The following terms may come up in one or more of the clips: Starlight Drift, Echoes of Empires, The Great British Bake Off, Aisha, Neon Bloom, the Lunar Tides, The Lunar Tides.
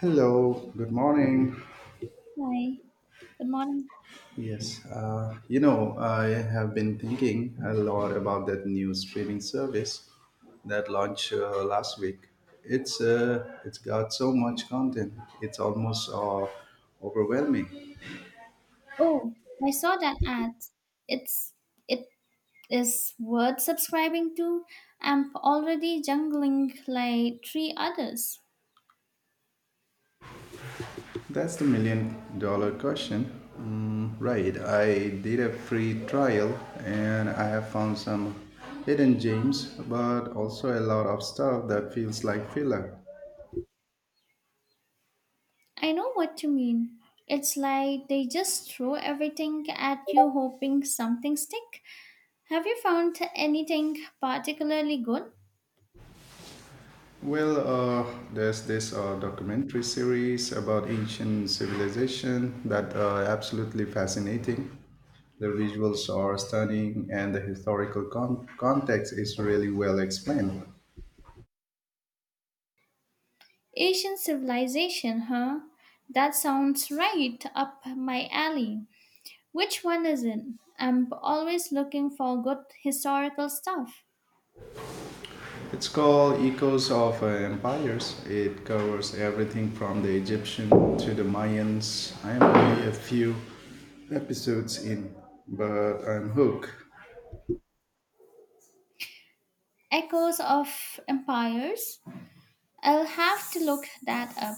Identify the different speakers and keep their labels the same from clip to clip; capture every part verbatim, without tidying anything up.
Speaker 1: Hello, good morning.
Speaker 2: Hi, good morning.
Speaker 1: Yes, uh, you know, I have been thinking a lot about that new streaming service that launched uh, last week. It's uh, it's got so much content. It's almost uh, overwhelming.
Speaker 2: Oh, I saw that ad. It's it is worth subscribing to. I'm already jungling like three others.
Speaker 1: That's the million dollar question. Mm, right, I did a free trial and I have found some hidden gems, but also a lot of stuff that feels like filler.
Speaker 2: I know what you mean. It's like they just throw everything at you hoping something stick. Have you found anything particularly good?
Speaker 1: Well, uh, there's this uh, documentary series about ancient civilization that uh, absolutely fascinating. The visuals are stunning, and the historical con- context is really well explained.
Speaker 2: Asian civilization, huh? That sounds right up my alley. Which one is it? I'm always looking for good historical stuff.
Speaker 1: It's called Echoes of uh, Empires. It covers everything from the Egyptian to the Mayans. I am only a few episodes in, but I'm hooked.
Speaker 2: Echoes of Empires? I'll have to look that up.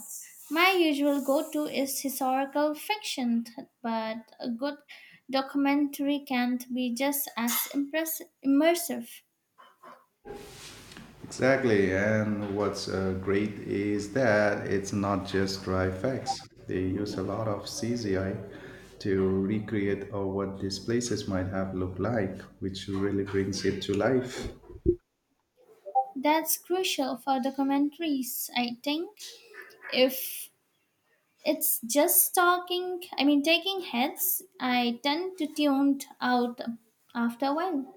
Speaker 2: My usual go to is historical fiction, but a good documentary can't be just as impress- immersive.
Speaker 1: Exactly, and what's uh, great is that it's not just dry facts. They use a lot of C G I to recreate uh, what these places might have looked like, which really brings it to life.
Speaker 2: That's crucial for documentaries, I think if it's just talking i mean taking heads I tend to tune out after a while.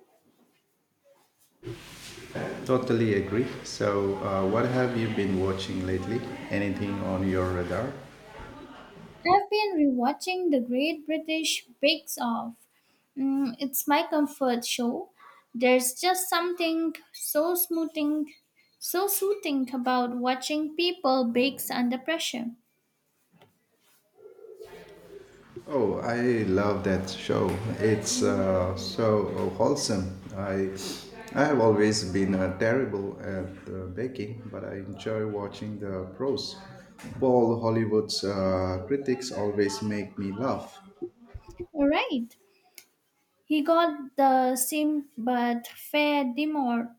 Speaker 1: Totally agree. So, uh, what have you been watching lately? Anything on your radar?
Speaker 2: I've been rewatching The Great British Bakes Off. Mm, it's my comfort show. There's just something so smoothing, so soothing about watching people bake under pressure.
Speaker 1: Oh, I love that show. It's uh, so wholesome. I I have always been uh, terrible at uh, baking, but I enjoy watching the pros. All Hollywood's uh, critics always make me laugh.
Speaker 2: All right, he got the same but fair demur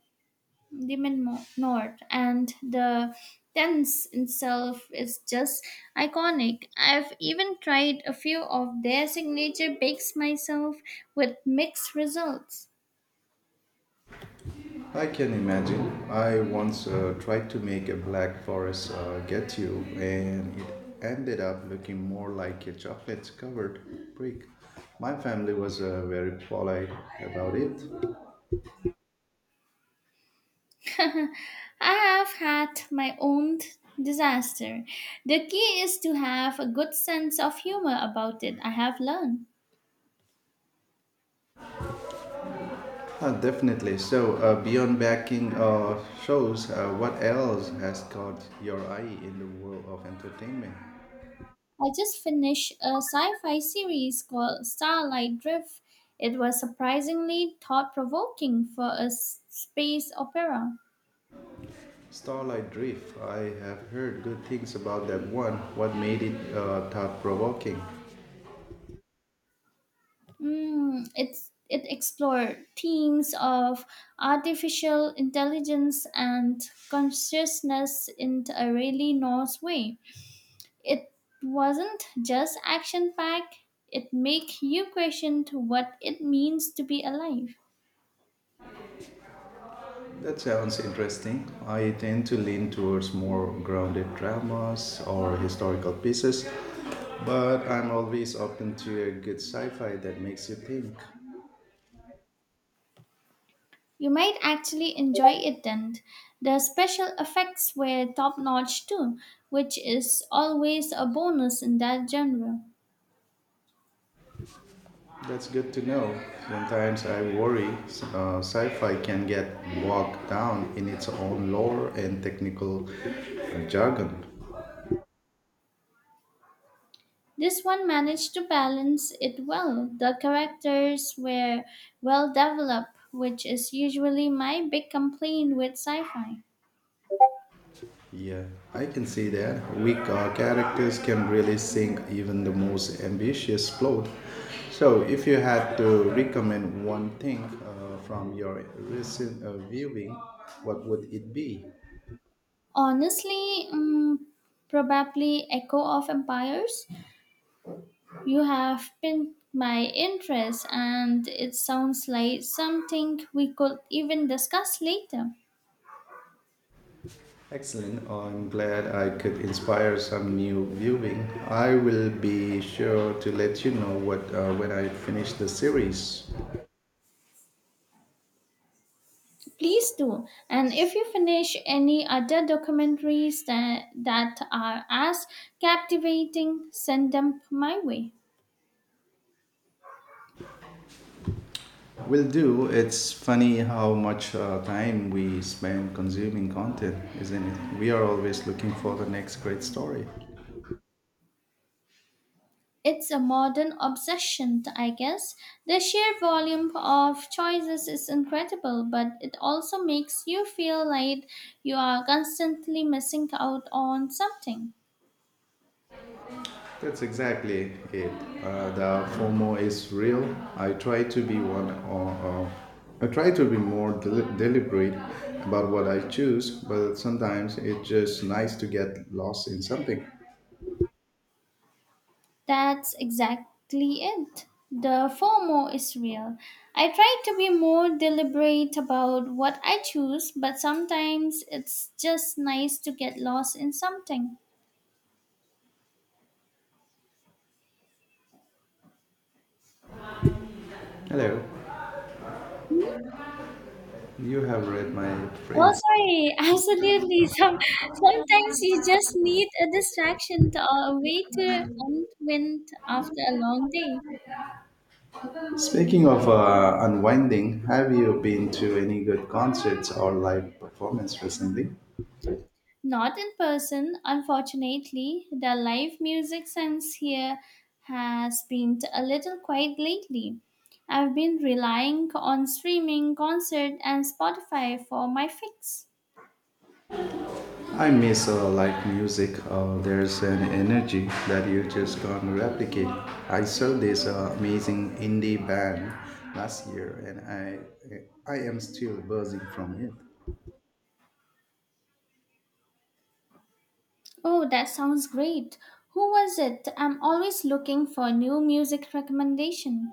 Speaker 2: Demon Mo- North and the tense itself is just iconic. I've even tried a few of their signature bakes myself with mixed results.
Speaker 1: I can imagine. I once uh, tried to make a black forest uh, ghetto, and it ended up looking more like a chocolate covered brick. My family was uh, very polite about it.
Speaker 2: I have had my own disaster. The key is to have a good sense of humor about it, I have learned.
Speaker 1: Uh, definitely. So, uh, beyond backing uh, shows, uh, what else has caught your eye in the world of entertainment?
Speaker 2: I just finished a sci fi series called Starlight Drift. It was surprisingly thought provoking for a s- space opera.
Speaker 1: Starlight Drift. I have heard good things about that one. What made it uh, thought provoking?
Speaker 2: Mm, it's, it explored themes of artificial intelligence and consciousness in a really nice way. It wasn't just action packed, it made you question to what it means to be alive.
Speaker 1: That sounds interesting. I tend to lean towards more grounded dramas or historical pieces, but I'm always open to a good sci fi that makes you think.
Speaker 2: You might actually enjoy it then. The special effects were top notch too, which is always a bonus in that genre.
Speaker 1: That's good to know. Sometimes I worry uh, sci fi can get bogged down in its own lore and technical uh, jargon.
Speaker 2: This one managed to balance it well. The characters were well developed, which is usually my big complaint with sci fi.
Speaker 1: Yeah, I can see that. Weak uh, characters can really sink even the most ambitious plot. So, if you had to recommend one thing uh, from your recent uh, viewing, what would it be?
Speaker 2: Honestly, mm, probably Echo of Empires. You have piqued my interest, and it sounds like something we could even discuss later.
Speaker 1: Excellent. I'm glad I could inspire some new viewing. I will be sure to let you know what uh, when I finish the series.
Speaker 2: Please do. And if you finish any other documentaries that, that are as captivating, send them my way.
Speaker 1: Will do. It's funny how much uh, time we spend consuming content, isn't it? We are always looking for the next great story.
Speaker 2: It's a modern obsession, I guess. The sheer volume of choices is incredible, but it also makes you feel like you are constantly missing out on something.
Speaker 1: That's exactly it. Uh, the FOMO is real. I try to be one. Or uh, I try to be more del- deliberate about what I choose, but sometimes it's just nice to get lost in something.
Speaker 2: That's exactly it. The FOMO is real. I try to be more deliberate about what I choose, but sometimes it's just nice to get lost in something.
Speaker 1: Hello,
Speaker 2: Hmm?
Speaker 1: you have read my
Speaker 2: Oh,
Speaker 1: phrase.
Speaker 2: sorry. Absolutely. Some, sometimes you just need a distraction to, or a way to unwind after a long day.
Speaker 1: Speaking of uh, unwinding, have you been to any good concerts or live performance recently?
Speaker 2: Not in person, unfortunately. The live music sense here has been a little quiet lately. I've been relying on streaming, concert, and Spotify for my fix.
Speaker 1: I miss uh, live music. Uh, there's an energy that you just can't replicate. I saw this uh, amazing indie band last year, and I I am still buzzing from it.
Speaker 2: Oh, that sounds great. Who was it? I'm always looking for new music recommendation.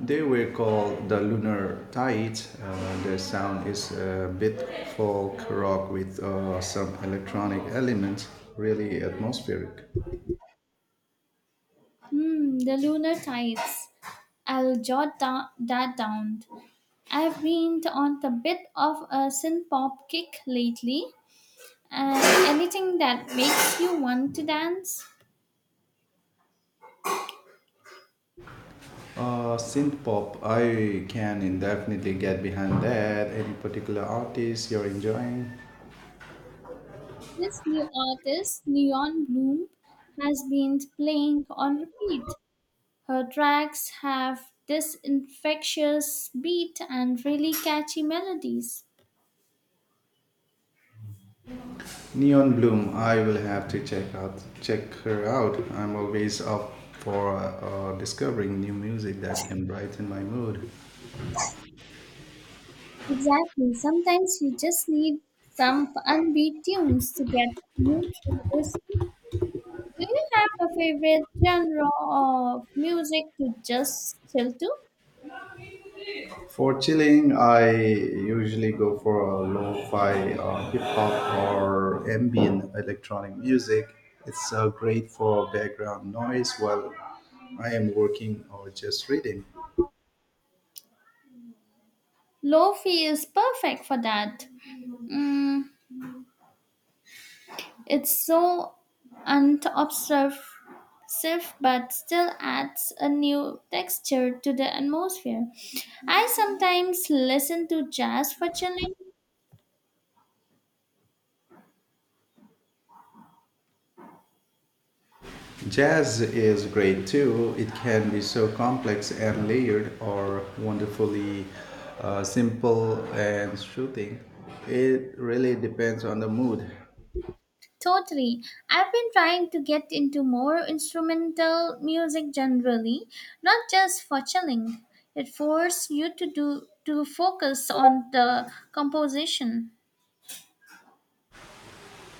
Speaker 1: They were called the Lunar Tides. Uh, their sound is a bit folk rock with uh, some electronic elements. Really atmospheric.
Speaker 2: Hmm, the Lunar Tides. I'll jot da- that down. I've been on a bit of a synth pop kick lately, and anything that makes you want to dance.
Speaker 1: Uh, synth pop, I can definitely get behind that. Any particular artist you're enjoying?
Speaker 2: This new artist, Neon Bloom, has been playing on repeat. Her tracks have this infectious beat and really catchy melodies.
Speaker 1: Neon Bloom, I will have to check out check her out. I'm always up for uh, discovering new music that can brighten my mood.
Speaker 2: Exactly. Sometimes you just need some upbeat tunes to get you through the week. Do you have a favorite genre of music to just chill to?
Speaker 1: For chilling, I usually go for a lo-fi, uh, hip hop, or ambient electronic music. It's uh, great for background noise while I am working or just reading.
Speaker 2: Lofi is perfect for that. Mm, It's so unobtrusive but still adds a new texture to the atmosphere. I sometimes listen to jazz for chilling.
Speaker 1: Jazz is great too. It can be so complex and layered, or wonderfully uh, simple and soothing. It really depends on the mood.
Speaker 2: Totally. I've been trying to get into more instrumental music generally, not just for chilling. It forces you to do to focus on the composition.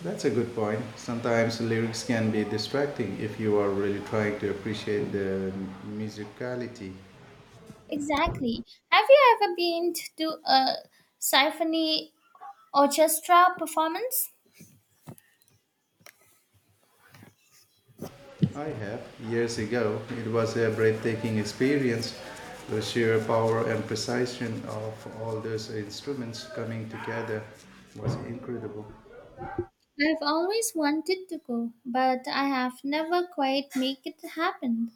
Speaker 1: That's a good point. Sometimes lyrics can be distracting if you are really trying to appreciate the musicality.
Speaker 2: Exactly. Have you ever been to a symphony orchestra performance?
Speaker 1: I have. Years ago, it was a breathtaking experience. The sheer power and precision of all those instruments coming together was incredible.
Speaker 2: I've always wanted to go, but I have never quite make it happen.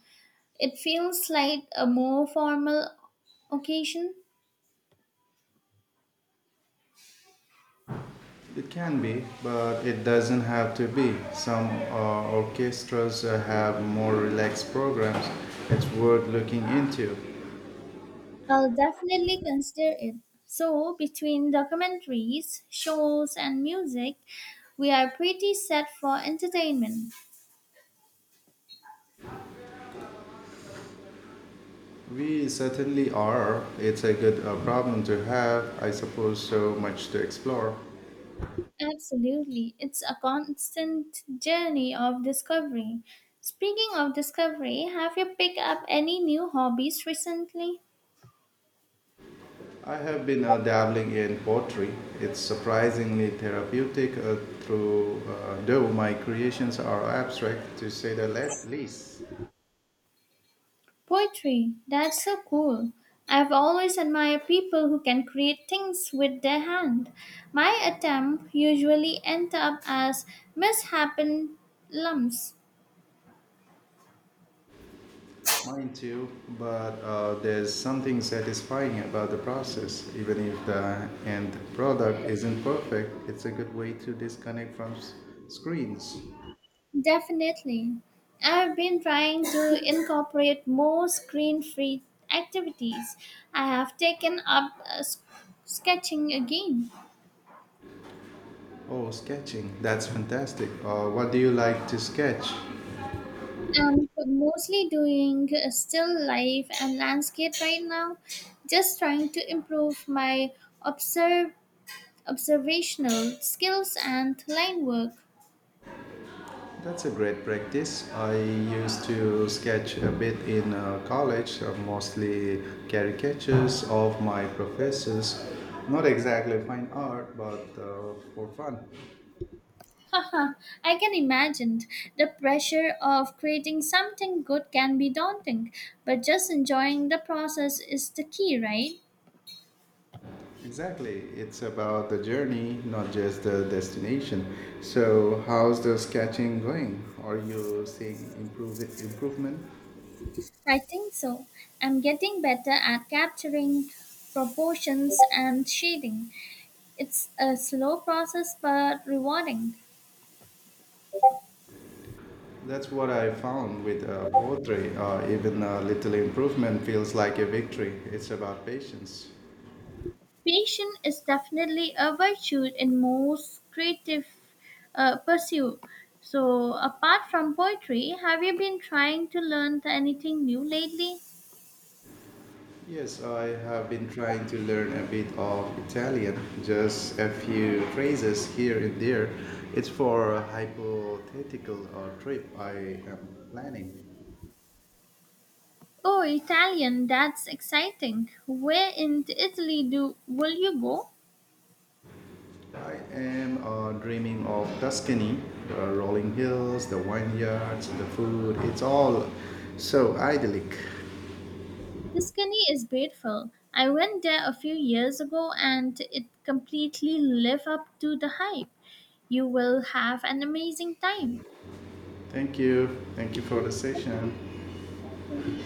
Speaker 2: It feels like a more formal occasion.
Speaker 1: It can be, but it doesn't have to be. Some uh, orchestras uh, have more relaxed programs. It's worth looking into.
Speaker 2: I'll definitely consider it. So, between documentaries, shows, and music, we are pretty set for entertainment.
Speaker 1: We certainly are. It's a good uh, problem to have, I suppose, so much to explore.
Speaker 2: Absolutely. It's a constant journey of discovery. Speaking of discovery, have you picked up any new hobbies recently?
Speaker 1: I have been uh, dabbling in pottery. It's surprisingly therapeutic, uh, through, uh, though my creations are abstract, to say the le- least.
Speaker 2: Poetry, that's so cool. I've always admired people who can create things with their hand. My attempt usually end up as mishappen lumps.
Speaker 1: Mine too, but uh, there's something satisfying about the process. Even if the end product isn't perfect, it's a good way to disconnect from s- screens.
Speaker 2: Definitely. I've been trying to incorporate more screen-free activities. I have taken up uh, s- sketching again.
Speaker 1: Oh, sketching. That's fantastic. Uh, what do you like to sketch?
Speaker 2: I'm mostly doing uh, still life and landscape right now, just trying to improve my observe observational skills and line work.
Speaker 1: That's a great practice. I used to sketch a bit in uh, college, uh, mostly caricatures of my professors. Not exactly fine art, but uh, for fun.
Speaker 2: Haha, I can imagine. The pressure of creating something good can be daunting, but just enjoying the process is the key, right?
Speaker 1: Exactly. It's about the journey, not just the destination. So, how's the sketching going? Are you seeing improve, improvement?
Speaker 2: I think so. I'm getting better at capturing proportions and shading. It's a slow process but rewarding.
Speaker 1: That's what I found with uh, poetry. Uh, even a little improvement feels like a victory. It's about patience.
Speaker 2: Patience is definitely a virtue in most creative uh, pursuit. So, apart from poetry, have you been trying to learn anything new lately?
Speaker 1: Yes, I have been trying to learn a bit of Italian, just a few phrases here and there. It's for a hypothetical uh, trip I am planning.
Speaker 2: Oh, Italian, that's exciting. Where in Italy do will you go?
Speaker 1: I am uh, dreaming of Tuscany, the rolling hills, the vineyards, the food. It's all so idyllic.
Speaker 2: Tuscany is beautiful. I went there a few years ago and it completely lived up to the hype. You will have an amazing time.
Speaker 1: Thank you. Thank you for the
Speaker 2: Mm, thank you,
Speaker 1: session.
Speaker 2: thank you.